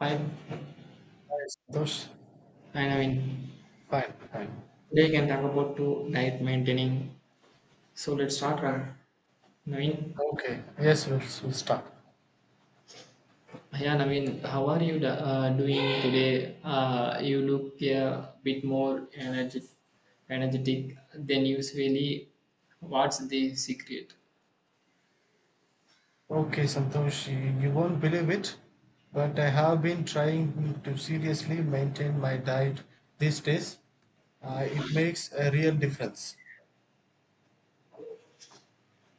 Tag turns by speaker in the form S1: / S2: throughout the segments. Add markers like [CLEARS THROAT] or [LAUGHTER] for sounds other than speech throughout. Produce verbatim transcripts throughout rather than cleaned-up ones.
S1: Hi,
S2: Yes, Santosh.
S1: hi Naveen.
S2: Fine, fine.
S1: Today we can talk about to diet maintaining. So let's start, uh, Naveen.
S2: Okay. Yes, we'll, we'll start.
S1: Yeah, Naveen, how are you da- uh, doing today? Uh, you look a bit more energetic, energetic than usually. What's the secret?
S2: Okay, Santosh, you, you won't believe it, but I have been trying to seriously maintain my diet these days. Uh, it makes a real difference.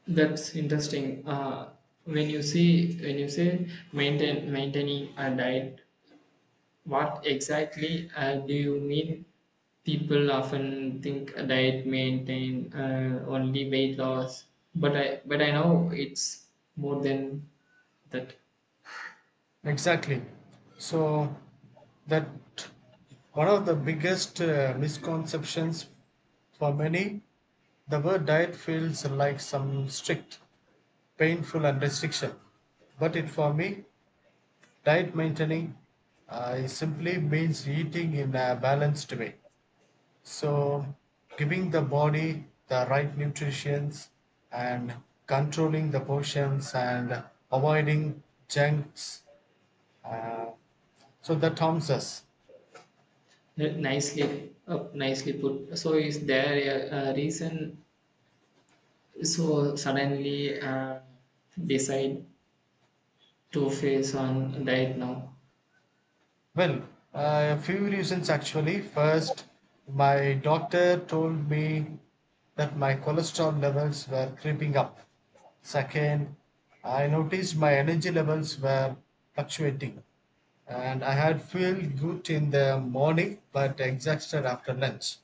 S1: That's interesting. Uh, when you see when you say maintain maintaining a diet, what exactly uh, do you mean? People often think a diet maintain uh, only weight loss, but I but I know it's more than that. Uh,
S2: Exactly. So, that one of the biggest uh, misconceptions for many, the word diet feels like some strict, painful, and restriction. But it for me, diet maintaining uh, it simply means eating in a balanced way. So, giving the body the right nutrients and controlling the portions and avoiding junks. Uh, so that harms us.
S1: Nicely up, nicely put. So is there a, a reason? So suddenly uh, decide to face on diet now?
S2: Well, uh, a few reasons actually. First, my doctor told me that my cholesterol levels were creeping up. Second, I noticed my energy levels were fluctuating. And I had feel good in the morning but exhausted after lunch.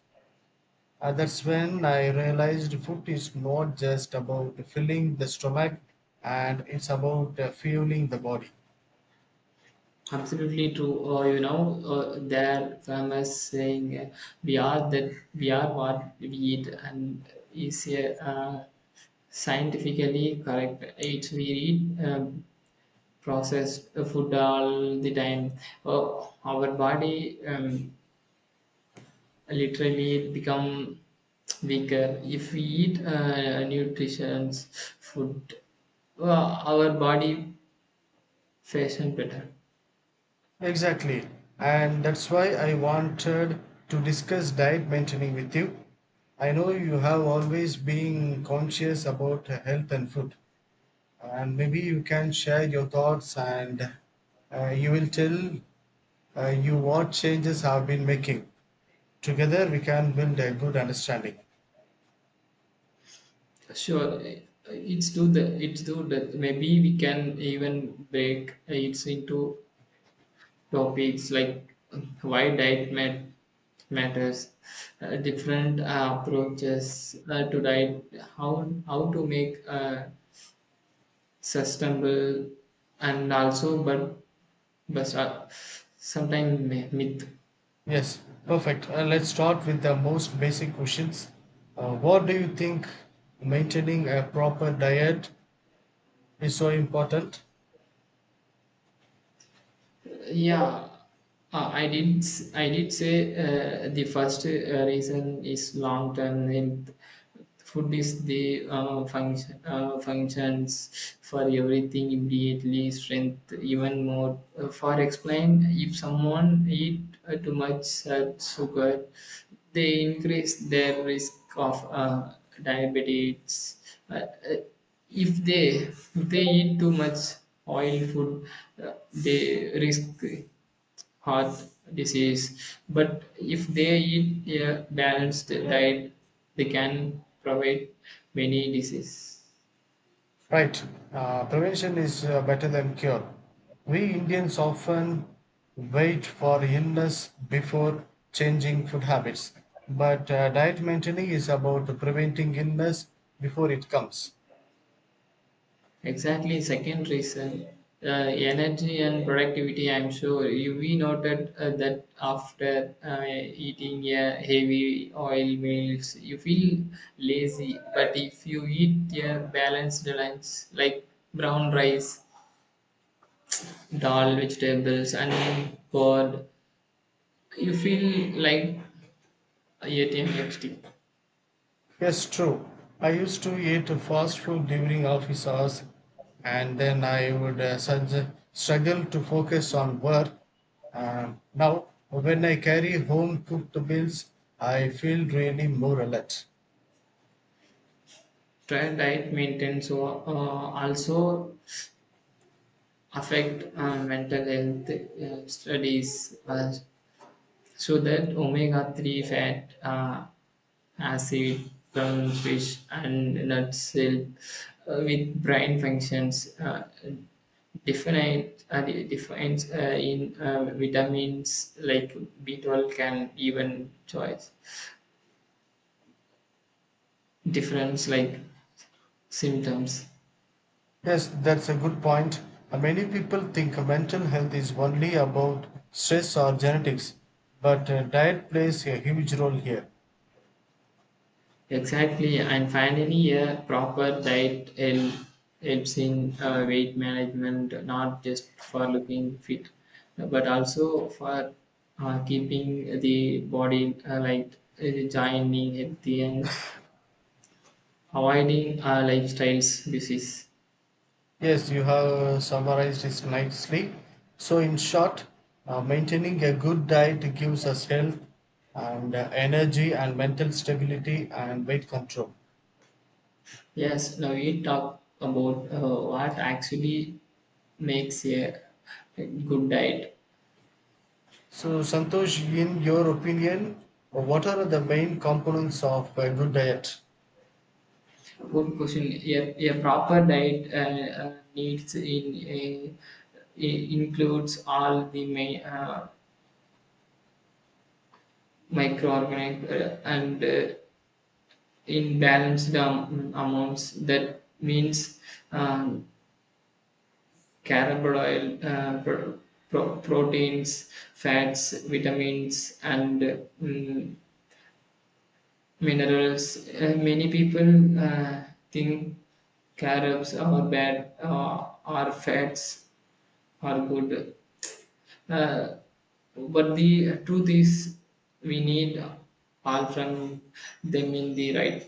S2: And that's when I realized food is not just about filling the stomach and it's about uh, fueling the body.
S1: Absolutely true. Uh, you know, uh, their famous saying, uh, "We are that we are what we eat," and is a uh, scientifically correct. It's we eat um, processed food all the time. Uh, our body um, literally become weaker if we eat uh, nutritious food. Uh, our body fashion better.
S2: Exactly. And that's why I wanted to discuss diet maintaining with you. I know you have always been conscious about health and food, and maybe you can share your thoughts and uh, you will tell uh, you what changes have been making. Together, we can build a good understanding.
S1: Sure, eh, it's do the it's do that. Maybe we can even break it into topics like um, why diet mat- matters, uh, different uh, approaches uh, to diet, how how to make uh, sustainable, and also but but uh, sometimes myth.
S2: Yes, perfect. Uh, let's start with the most basic questions. Uh, what do you think maintaining a proper diet is so important?
S1: Yeah, uh, I did s- I did say uh, the first uh, reason is long term health food is the uh, function uh, functions for everything immediately strength even more Uh, for explain if someone eat uh, too much uh, sugar they increase their risk of uh, diabetes, uh, uh, if they if they eat too much oil food, uh, they risk heart disease. But if they eat a balanced diet, they can prevent many diseases.
S2: Right. Uh, prevention is uh, better than cure. We Indians often wait for illness before changing food habits, but uh, diet maintaining is about preventing illness before it comes.
S1: Exactly, second reason. Uh, energy and productivity. I'm sure you we noted uh, that after uh, eating a heavy oil meals, you feel lazy. But if you eat a balanced lunch like brown rice, dal, vegetables, and curd, you feel like ATMXT.
S2: Yes, true. I used to eat fast food during office hours, and then I would uh, sug- struggle to focus on work. Um now, when I carry home cooked meals, I feel really more alert.
S1: Try diet maintenance or uh, also affect uh, mental health uh, studies uh, so that omega three fat uh, acid from fish and nuts help uh, with brain functions, uh, definite uh, de- defines uh, in uh, vitamins like B twelve can even choice difference like symptoms.
S2: Yes, that's a good point. And many people think mental health is only about stress or genetics, but uh, diet plays a huge role here.
S1: Exactly, and finally, a proper diet hel- helps in uh, weight management, not just for looking fit, but also for uh, keeping the body uh, light, uh, joining healthy, and avoiding uh, lifestyles disease.
S2: Yes, you have summarized this nicely. So, in short, uh, maintaining a good diet gives us health and uh, energy and mental stability and weight control.
S1: Yes, now we talk about uh, what actually makes a good diet.
S2: So, Santosh, in your opinion, what are the main components of a good diet?
S1: Good question. A, a proper diet uh, uh, needs in a it includes all the mi- uh, microorganic uh, and uh, in balanced am- amounts. That means um, carbohydrate, uh, pro- pro- proteins, fats, vitamins, and uh, mm, minerals. Uh, many people uh, think carobs are bad uh, or fats are good. Uh, But the truth is, we need all from them in the right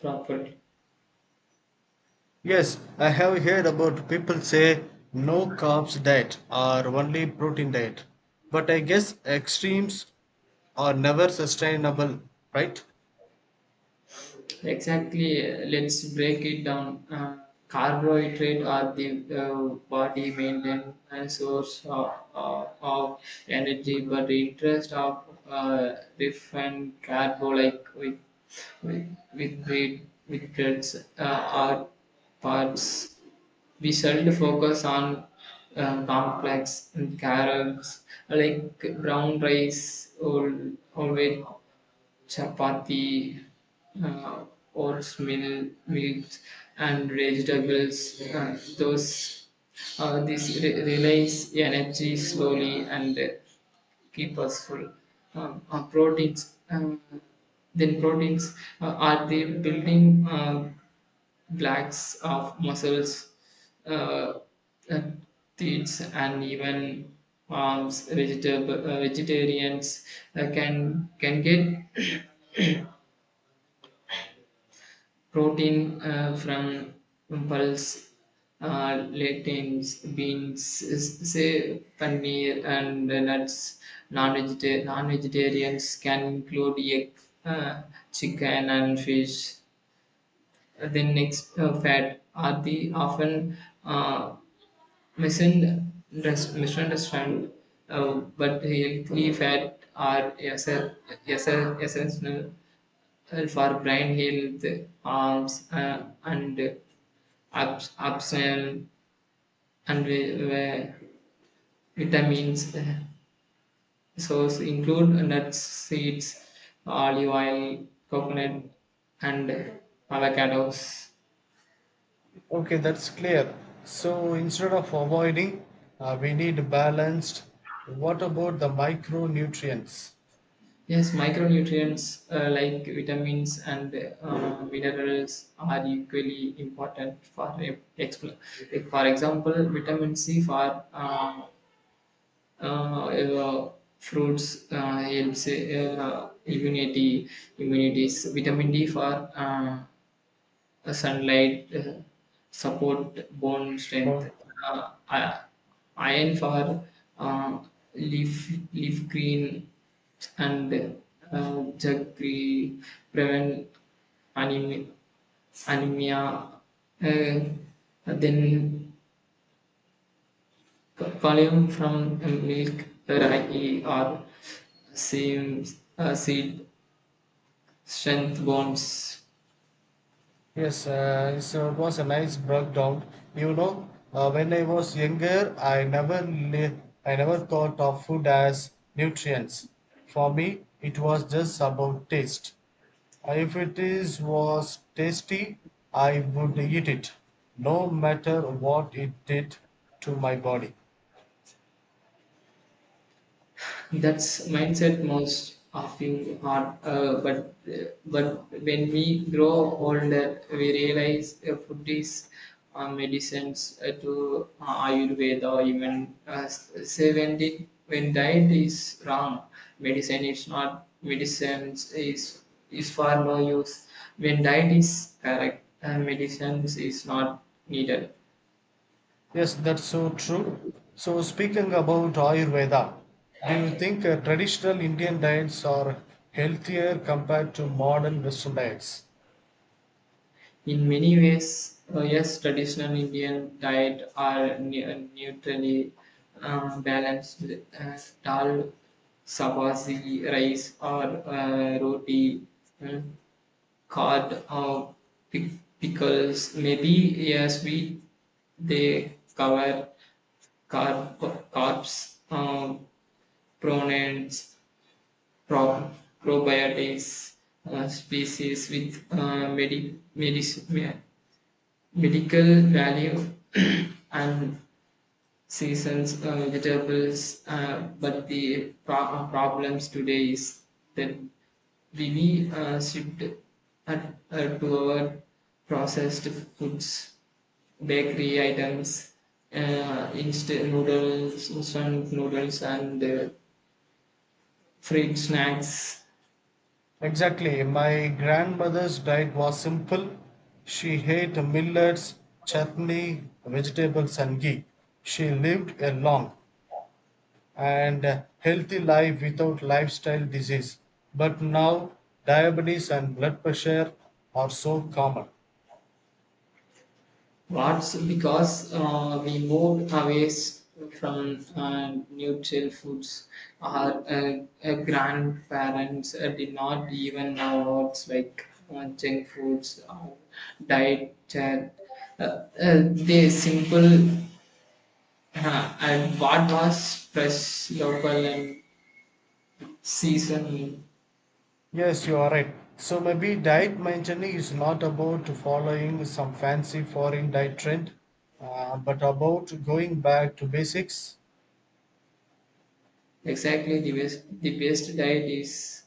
S1: proper.
S2: Yes, I have heard about people say no carbs diet or only protein diet. But I guess extremes are never sustainable, right?
S1: Exactly. uh, Let's break it down. Uh, carbohydrate are the uh, body maintenance source of, of, of energy, but the interest of uh, different carbo like with with with bread, with breads uh, are parts. We should focus on uh, complex and carrots like brown rice, or, or with chapati, uh, oatmeal meals and vegetables. Uh, those uh, this re- relays energy slowly and uh, keep us full. Um, uh, proteins. Um, then Proteins uh, are the building. Uh, blacks of muscles, uh, uh, teats, and even palms. Vegetab- uh, vegetarians uh, can can get protein uh, from pulse, uh, lentils, beans, s- say paneer, and nuts. Non-vegeta- non-vegetarians can include egg, uh, chicken, and fish. Uh, The next uh, fat are the often uh, misunderst- misunderstand, uh, but healthy fat are esse- esse- essential for brain health, arms, uh, and abs- absent and vi- vi- vitamins. Uh, source include nuts, seeds, olive oil, coconut, and avocados.
S2: Okay, that's clear. So instead of avoiding, uh, we need balanced. What about the micronutrients?
S1: Yes, micronutrients uh, like vitamins and uh, minerals are equally important for e- expl- like, for example, vitamin C for uh, uh, uh, fruits uh, helps uh, immunity, immunities. Vitamin D for uh, uh, sunlight uh, support bone strength.
S2: Well,
S1: Uh, i- Iron for uh, leaf leaf green and uh, jaggery prevent anemia. anemia. Uh, then c- column from milk, ragi or seeds, uh, seed strength bones.
S2: yes, uh, so it was a nice breakdown. You know, uh, when I was younger, I never li- I never thought of food as nutrients. For me, it was just about taste. Uh, If it is was tasty, I would eat it, no matter what it did to my body.
S1: That's mindset most often hard, uh, but uh, but when we grow older, we realize uh, food is uh, medicines uh, to uh, Ayurveda, even uh, seven di- when diet is wrong, medicine is not medicines is is for no use. When diet is correct, uh, medicines is not needed.
S2: Yes, that's so true. So, speaking about Ayurveda, do you think uh, traditional Indian diets are healthier compared to modern Western diets?
S1: In many ways, uh, yes, traditional Indian diet are ne- uh, neutrally um, balanced. Uh, dal, sabzi, rice, or uh, roti, uh, curd, or pic- pickles. Maybe yes, we they cover carb, carbs, um, pronouns, pro- probiotics, uh, species with uh, medi- medicine medical value [CLEARS THROAT] and seasons uh, vegetables, uh, but the pro- uh, problems today is that we we uh, shift at, uh, to our processed foods, bakery items, uh, instant noodles instant noodles, and uh, fried snacks.
S2: Exactly. My grandmother's diet was simple. She ate millets, chutney, vegetables, and ghee. She lived a long and uh, healthy life without lifestyle disease. But now, diabetes and blood pressure are so common.
S1: That's because uh, we moved away s- from uh, neutral foods. Our uh, uh, grandparents uh, did not even know words like uh, junk foods or diet. Uh, uh, uh, they simple uh, and what was fresh, local, and seasonal.
S2: Yes, you are right. So maybe diet maintaining is not about following some fancy foreign diet trend, uh, but about going back to basics.
S1: Exactly, the best the best diet is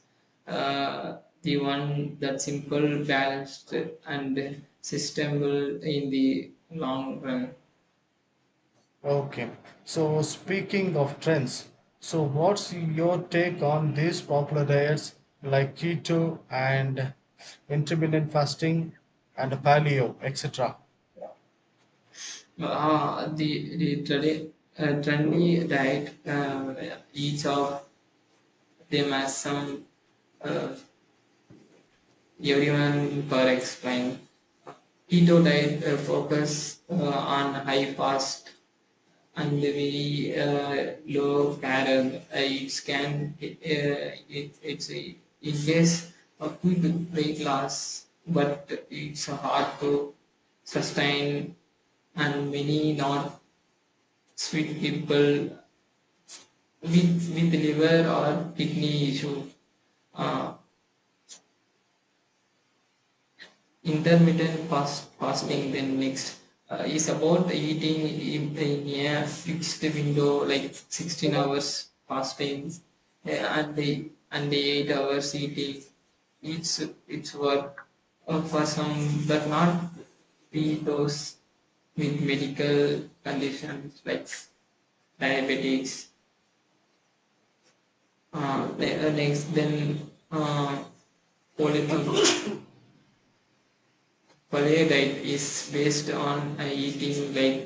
S1: uh, the one that's simple, balanced, and sustainable in the long run.
S2: Okay. So speaking of trends, so what's your take on these popular diets like keto and intermittent fasting and paleo, et cetera?
S1: Uh, the the tradi- uh, Trendy diet, uh, each of them has some, uh, everyone per explain. Keto diet uh, focus uh, on high fast and very uh, low barrel. Uh, it can uh, it, it's a It is a quick weight loss, but it's hard to sustain, and many not fit people with with liver or kidney issue. Uh, Intermittent fast fasting then next uh, is about eating in, in a fixed window like sixteen hours fasting uh, and the and the eight hours eating. It's it's work uh, for some but not be those with medical conditions like diabetics. Uh, the- uh, next then, uh, poly- uh, polio diet is based on uh, eating like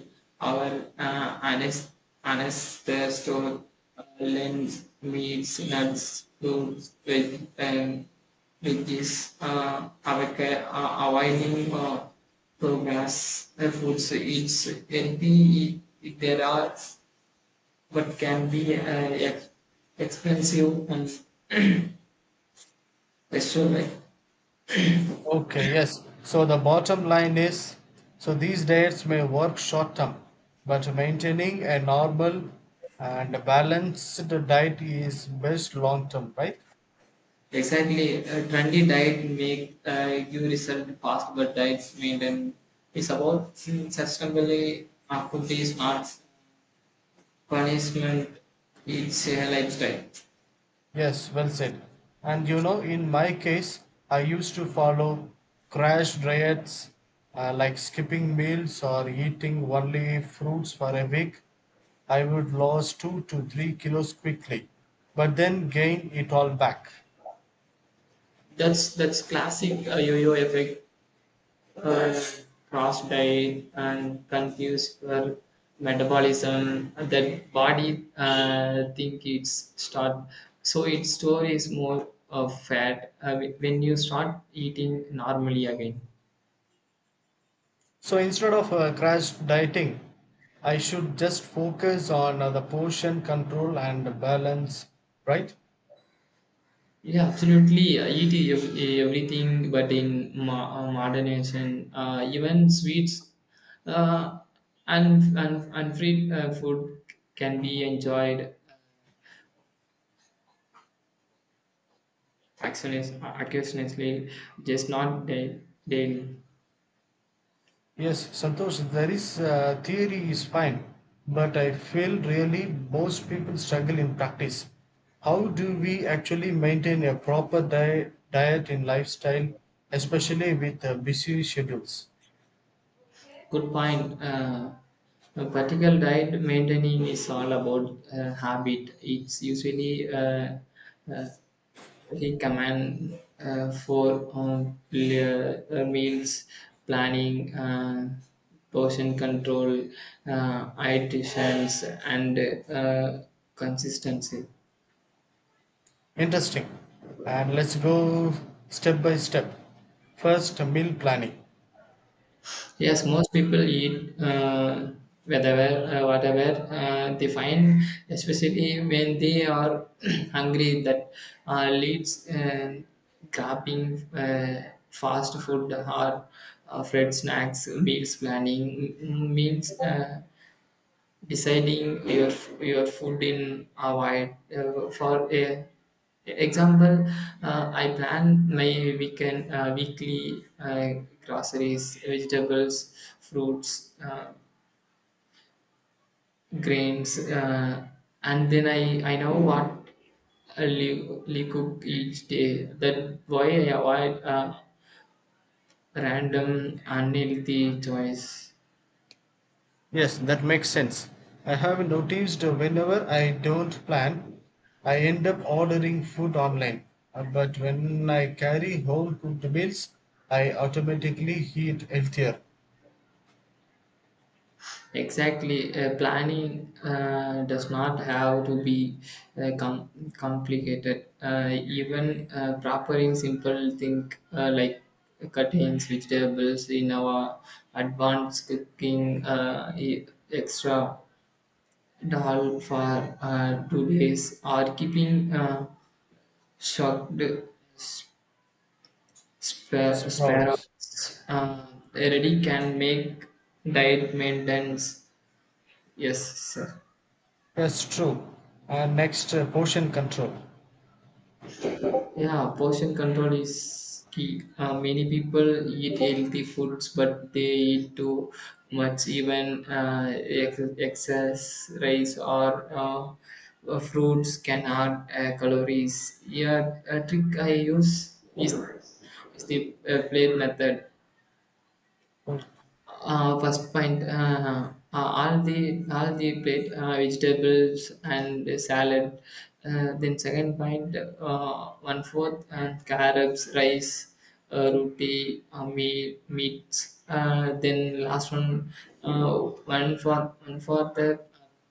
S1: our uh, anas- ancestors, uh, lens meats, nuts, fruits, veg- um, veggies, uh, avoca- uh, avoiding uh, progress uh, foods. It's healthy if there are, but can be uh, ex- expensive and restaurant.
S2: Okay, yes. So the bottom line is so these diets may work short term, but maintaining a normal and balanced diet is best long term, right?
S1: Exactly. A trendy diet make uh, you result fast, but diets maintain it's about mm, sustainability. Not food is not punishment. It's a lifestyle.
S2: Yes, well said. And you know, in my case, I used to follow crash diets uh, like skipping meals or eating only fruits for a week. I would lose two to three kilos quickly, but then gain it all back.
S1: That's that's classic uh, yo-yo effect. Uh, Cross diet and confused for metabolism. That body uh, think it's start. So its store is more of fat uh, when you start eating normally again.
S2: So instead of uh, crash dieting, I should just focus on uh, the portion control and balance, right?
S1: Yeah, absolutely. I eat ev- everything, but in mo- uh, modernation, uh, even sweets uh, and, and, and free uh, food can be enjoyed occasionis- occasionally, just not da- daily.
S2: Yes, Santosh, there is uh, theory is fine, but I feel really most people struggle in practice. How do we actually maintain a proper diet, diet in lifestyle, especially with uh, busy schedules?
S1: Good point. Uh, a particular diet maintaining is all about uh, habit. It's usually uh, uh, he command uh, for on pl- uh, meals planning, uh, portion control, uh, iterations, and uh, consistency.
S2: Interesting. And let's go step by step. First, meal planning.
S1: Yes, most people eat uh, whatever uh, whatever uh, they find, especially when they are [CLEARS THROAT] hungry. That uh, leads uh, grabbing uh, fast food or uh, fried snacks, meals planning, m- meals. Uh, deciding your your food in avoid uh, for a example, uh, I plan my weekend uh, weekly uh, groceries, vegetables, fruits, uh, grains, uh, and then I I know what Lee cook each day. That why I avoid uh, random unhealthy choice.
S2: Yes, that makes sense. I have noticed whenever I don't plan, I end up ordering food online. Uh, But when I carry home cooked meals, I automatically eat healthier.
S1: Exactly, uh, planning uh, does not have to be uh, com- complicated. Uh, even uh, preparing simple things uh, like cuttings, vegetables in our advanced cooking, uh, e- extra dal for uh, two days, or keeping uh, shocked spare,
S2: Sprouts.
S1: sparrows uh, ready can make diet maintenance. Yes, sir.
S2: That's true. And next, uh, portion control.
S1: Yeah, portion control is key. Uh, many people eat healthy foods, but they eat too much, even uh, ex- excess rice or uh, uh, fruits can add uh, calories. Yeah, a trick I use is, is the uh, plate method.
S2: O-
S1: Uh, first point, uh, uh, all the all the plate, uh, vegetables and salad. Uh, then second point, uh, one fourth and carrots, rice, uh, roti, uh, meat, meats. Uh, then last one, uh, one for one for the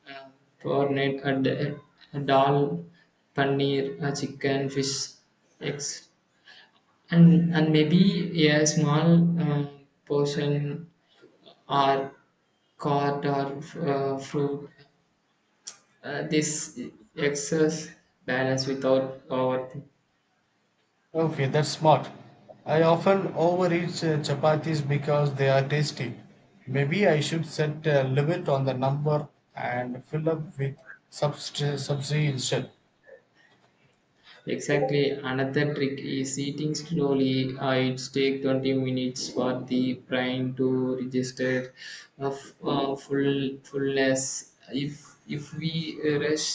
S1: uh, cornet, uh, d- uh, dal, paneer, uh, chicken, fish, eggs, and and maybe a small uh, portion or card or uh, fruit. Uh, this excess balance without overthinking.
S2: Okay, that's smart. I often overeat uh, chapatis because they are tasty. Maybe I should set a limit on the number and fill up with subst- subsidy instead.
S1: Exactly. Another trick is eating slowly. Uh, it takes twenty minutes for the brain to register of uh, full fullness. If if we rush,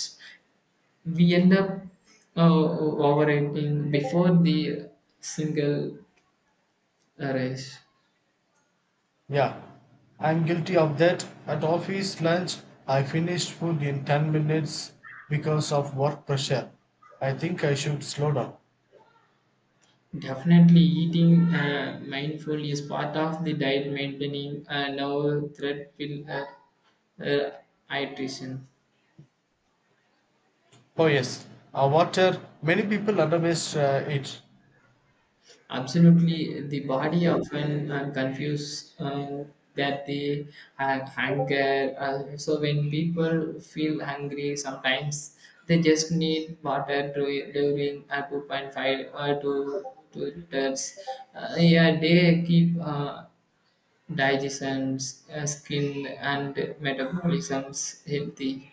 S1: we end up uh, overeating before the single rush.
S2: Yeah, I'm guilty of that. At office lunch, I finished food in ten minutes because of work pressure. I think I should slow down.
S1: Definitely, eating uh, mindful is part of the diet maintaining. Uh, no threat will, uh, uh, hydration.
S2: Oh, yes, uh, water, many people underestimate uh, it.
S1: Absolutely, the body often uh, confuse uh, that the uh, hunger. Uh, so when people feel hungry, sometimes they just need water to, during uh, two point five or to two liters. Uh, yeah, they keep uh, digestion, uh, skin, and metabolisms healthy.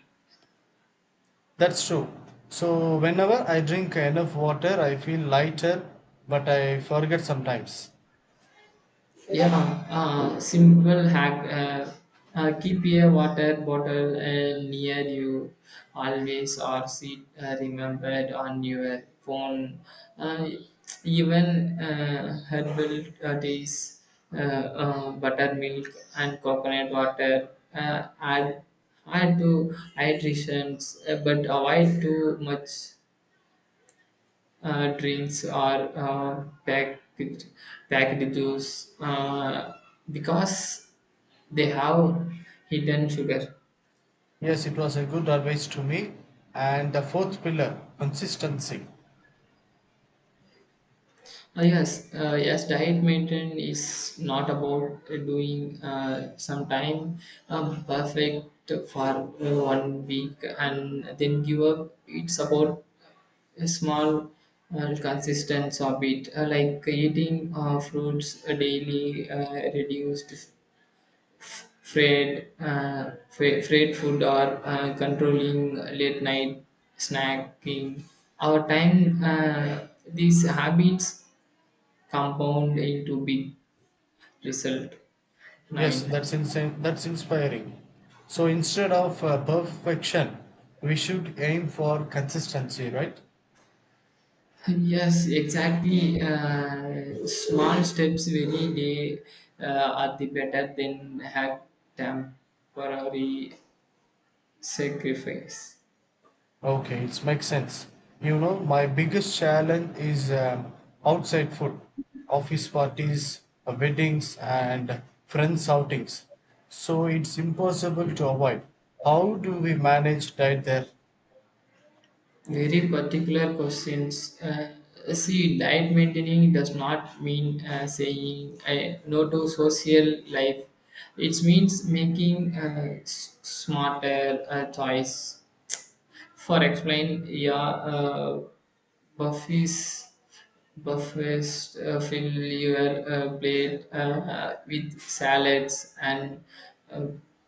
S2: That's true. So, whenever I drink enough water, I feel lighter, but I forget sometimes.
S1: Yeah, uh, simple hack. Uh, uh, keep a water bottle uh, near you always or see uh, remembered on your phone. Uh, even uh, herbal uh, teas, uh, uh, buttermilk, and coconut water uh, add, add to hydrations, uh, but avoid too much. Uh, drinks are uh, packaged, packed juice uh, because they have hidden sugar.
S2: Yes, it was a good advice to me. And the fourth pillar consistency.
S1: Uh, yes, uh, yes, diet maintenance is not about uh, doing uh, some time um, perfect for uh, one week and then give up. It's about a small uh, consistence of it, uh, like eating uh, fruits daily, uh, reduced Freight, uh, freight, freight food or uh, controlling late night snacking. Our time, uh, these habits compound into big result.
S2: Yes,
S1: Naveen.
S2: that's insane. That's inspiring. So instead of uh, perfection, we should aim for consistency, right?
S1: Yes, exactly. Uh, small steps very day uh, are the better than have temporary sacrifice.
S2: Okay, it makes sense. You know, my biggest challenge is um, outside food, office parties, uh, weddings, and friends outings. So it's impossible to avoid. How do we manage diet there?
S1: Very particular questions. Uh, see, diet maintaining does not mean uh, saying uh, no to social life. It means making uh, s- smarter uh, choice for explain, yeah, uh, Buffy's buffets uh, fill your uh, plate uh, with salads and uh,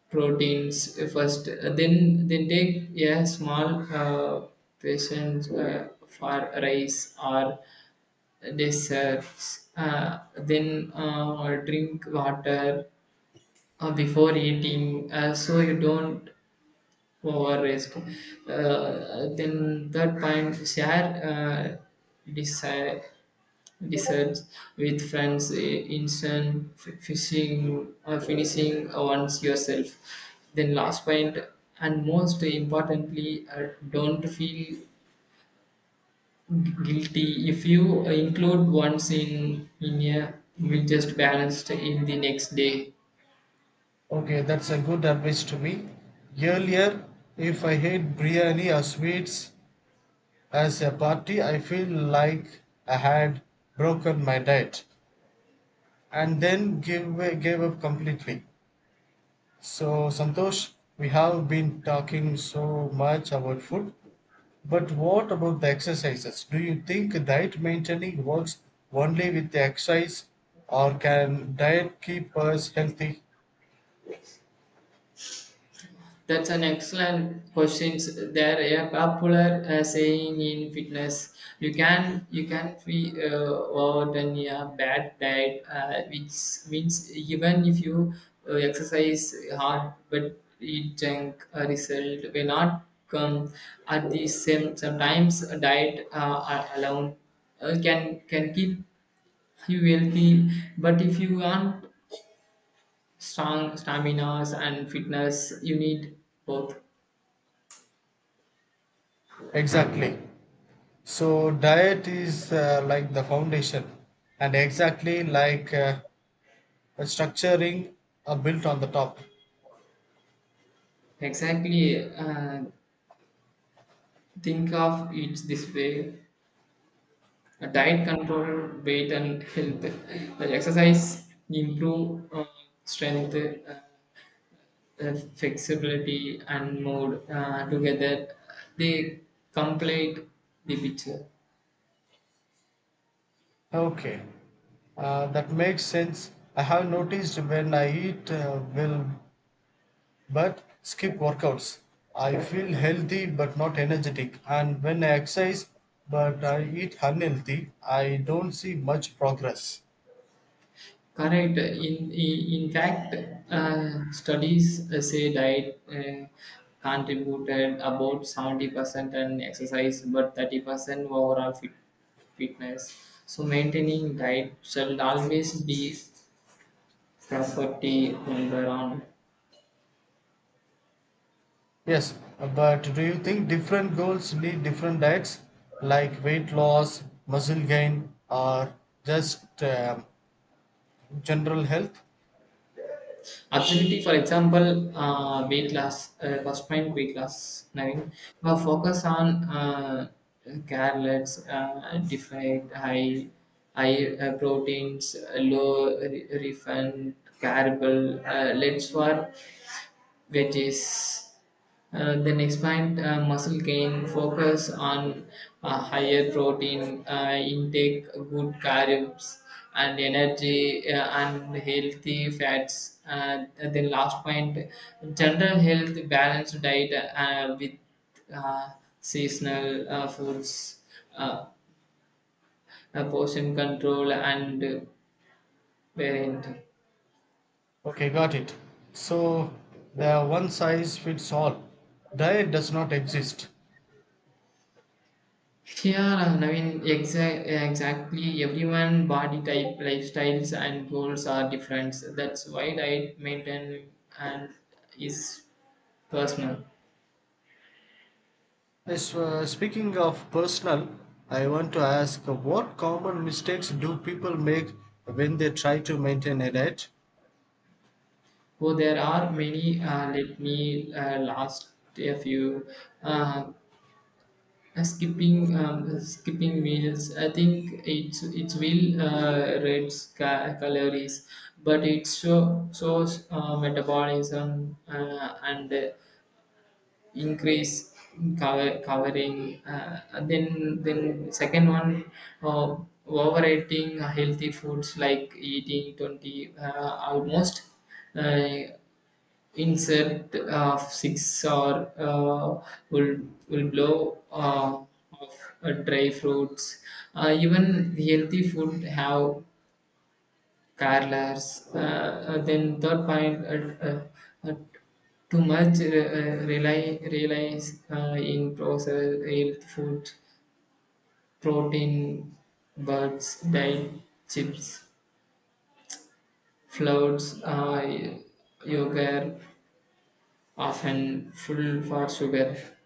S1: proteins first. Then, then take a small uh, patient uh, for rice or desserts. Uh, then uh, drink water uh, before eating uh, so you don't or risk. Uh, then third point, share uh, desi- desserts with friends, i- instant f- fishing or finishing once yourself. Then last point, and most importantly, uh, don't feel gu- guilty if you include once in in a meal just balanced in the next day.
S2: Okay, that's a good advice to me. Earlier, if I hate biryani or sweets, as a party I feel like I had broken my diet and then gave, gave up completely. So, Santosh, we have been talking so much about food, but what about the exercises? Do you think diet maintaining works only with the exercise or can diet keep us healthy?
S1: That's an excellent question. There a popular uh, saying in fitness: you can you can be uh, worse than a bad diet, uh, which means even if you uh, exercise hard but eat junk, a result will not come. At the same sometimes a diet uh, alone uh, can can keep you healthy, but if you want strong stamina and fitness, you need both.
S2: Exactly. So, diet is uh, like the foundation and exactly like uh, a structuring are built on the top.
S1: Exactly. Uh, think of it this way: a diet control, weight and health. The exercise improve uh, strength, uh, uh, flexibility, and mood. Uh, together, they complete the picture.
S2: Okay, uh, that makes sense. I have noticed when I eat uh, well but skip workouts, I feel healthy but not energetic. And when I exercise but I eat unhealthy, I don't see much progress.
S1: Correct. In in, in fact, uh, studies uh, say diet uh, contributed about seventy percent and exercise, but thirty percent overall fit, fitness. So maintaining diet shall always be property number one.
S2: Yes, but do you think different goals need different diets like weight loss, muscle gain, or just um general health?
S1: Activity, for example, uh, weight loss, uh, first mind weight loss, nine, uh, focus on uh, carrots, uh, defined high, high uh, proteins, uh, low re- refined, carable, uh, lens for wedges. Uh, then expand uh, muscle gain, focus on uh, higher protein uh, intake, good carbs, and energy uh, and healthy fats. Uh, then last point, general health, balanced diet uh, with uh, seasonal uh, foods, uh, uh, portion control, and parenting.
S2: Okay, got it. So the one size fits all diet does not exist.
S1: Yeah, I mean, exa- exactly. Everyone body type, lifestyles, and goals are different. That's why diet maintain and is personal.
S2: Yes, uh, speaking of personal, I want to ask uh, what common mistakes do people make when they try to maintain a diet?
S1: Oh, there are many. Uh, let me uh, last a few. Uh, skipping um, skipping meals. I think it's it will uh, reduce ca- calories, but it show, shows uh, metabolism uh, and increase in color coloring uh, and then then second one uh, overeating healthy foods like eating twenty uh, almost uh, insert of six or uh, will will blow uh, of uh, dry fruits uh, even healthy food have careless, uh, uh, then third point, uh, uh, uh, too much uh, uh, rely relies uh, in processed real food, protein, birds, diet, chips, flours, uh, yogurt, often full for sugar.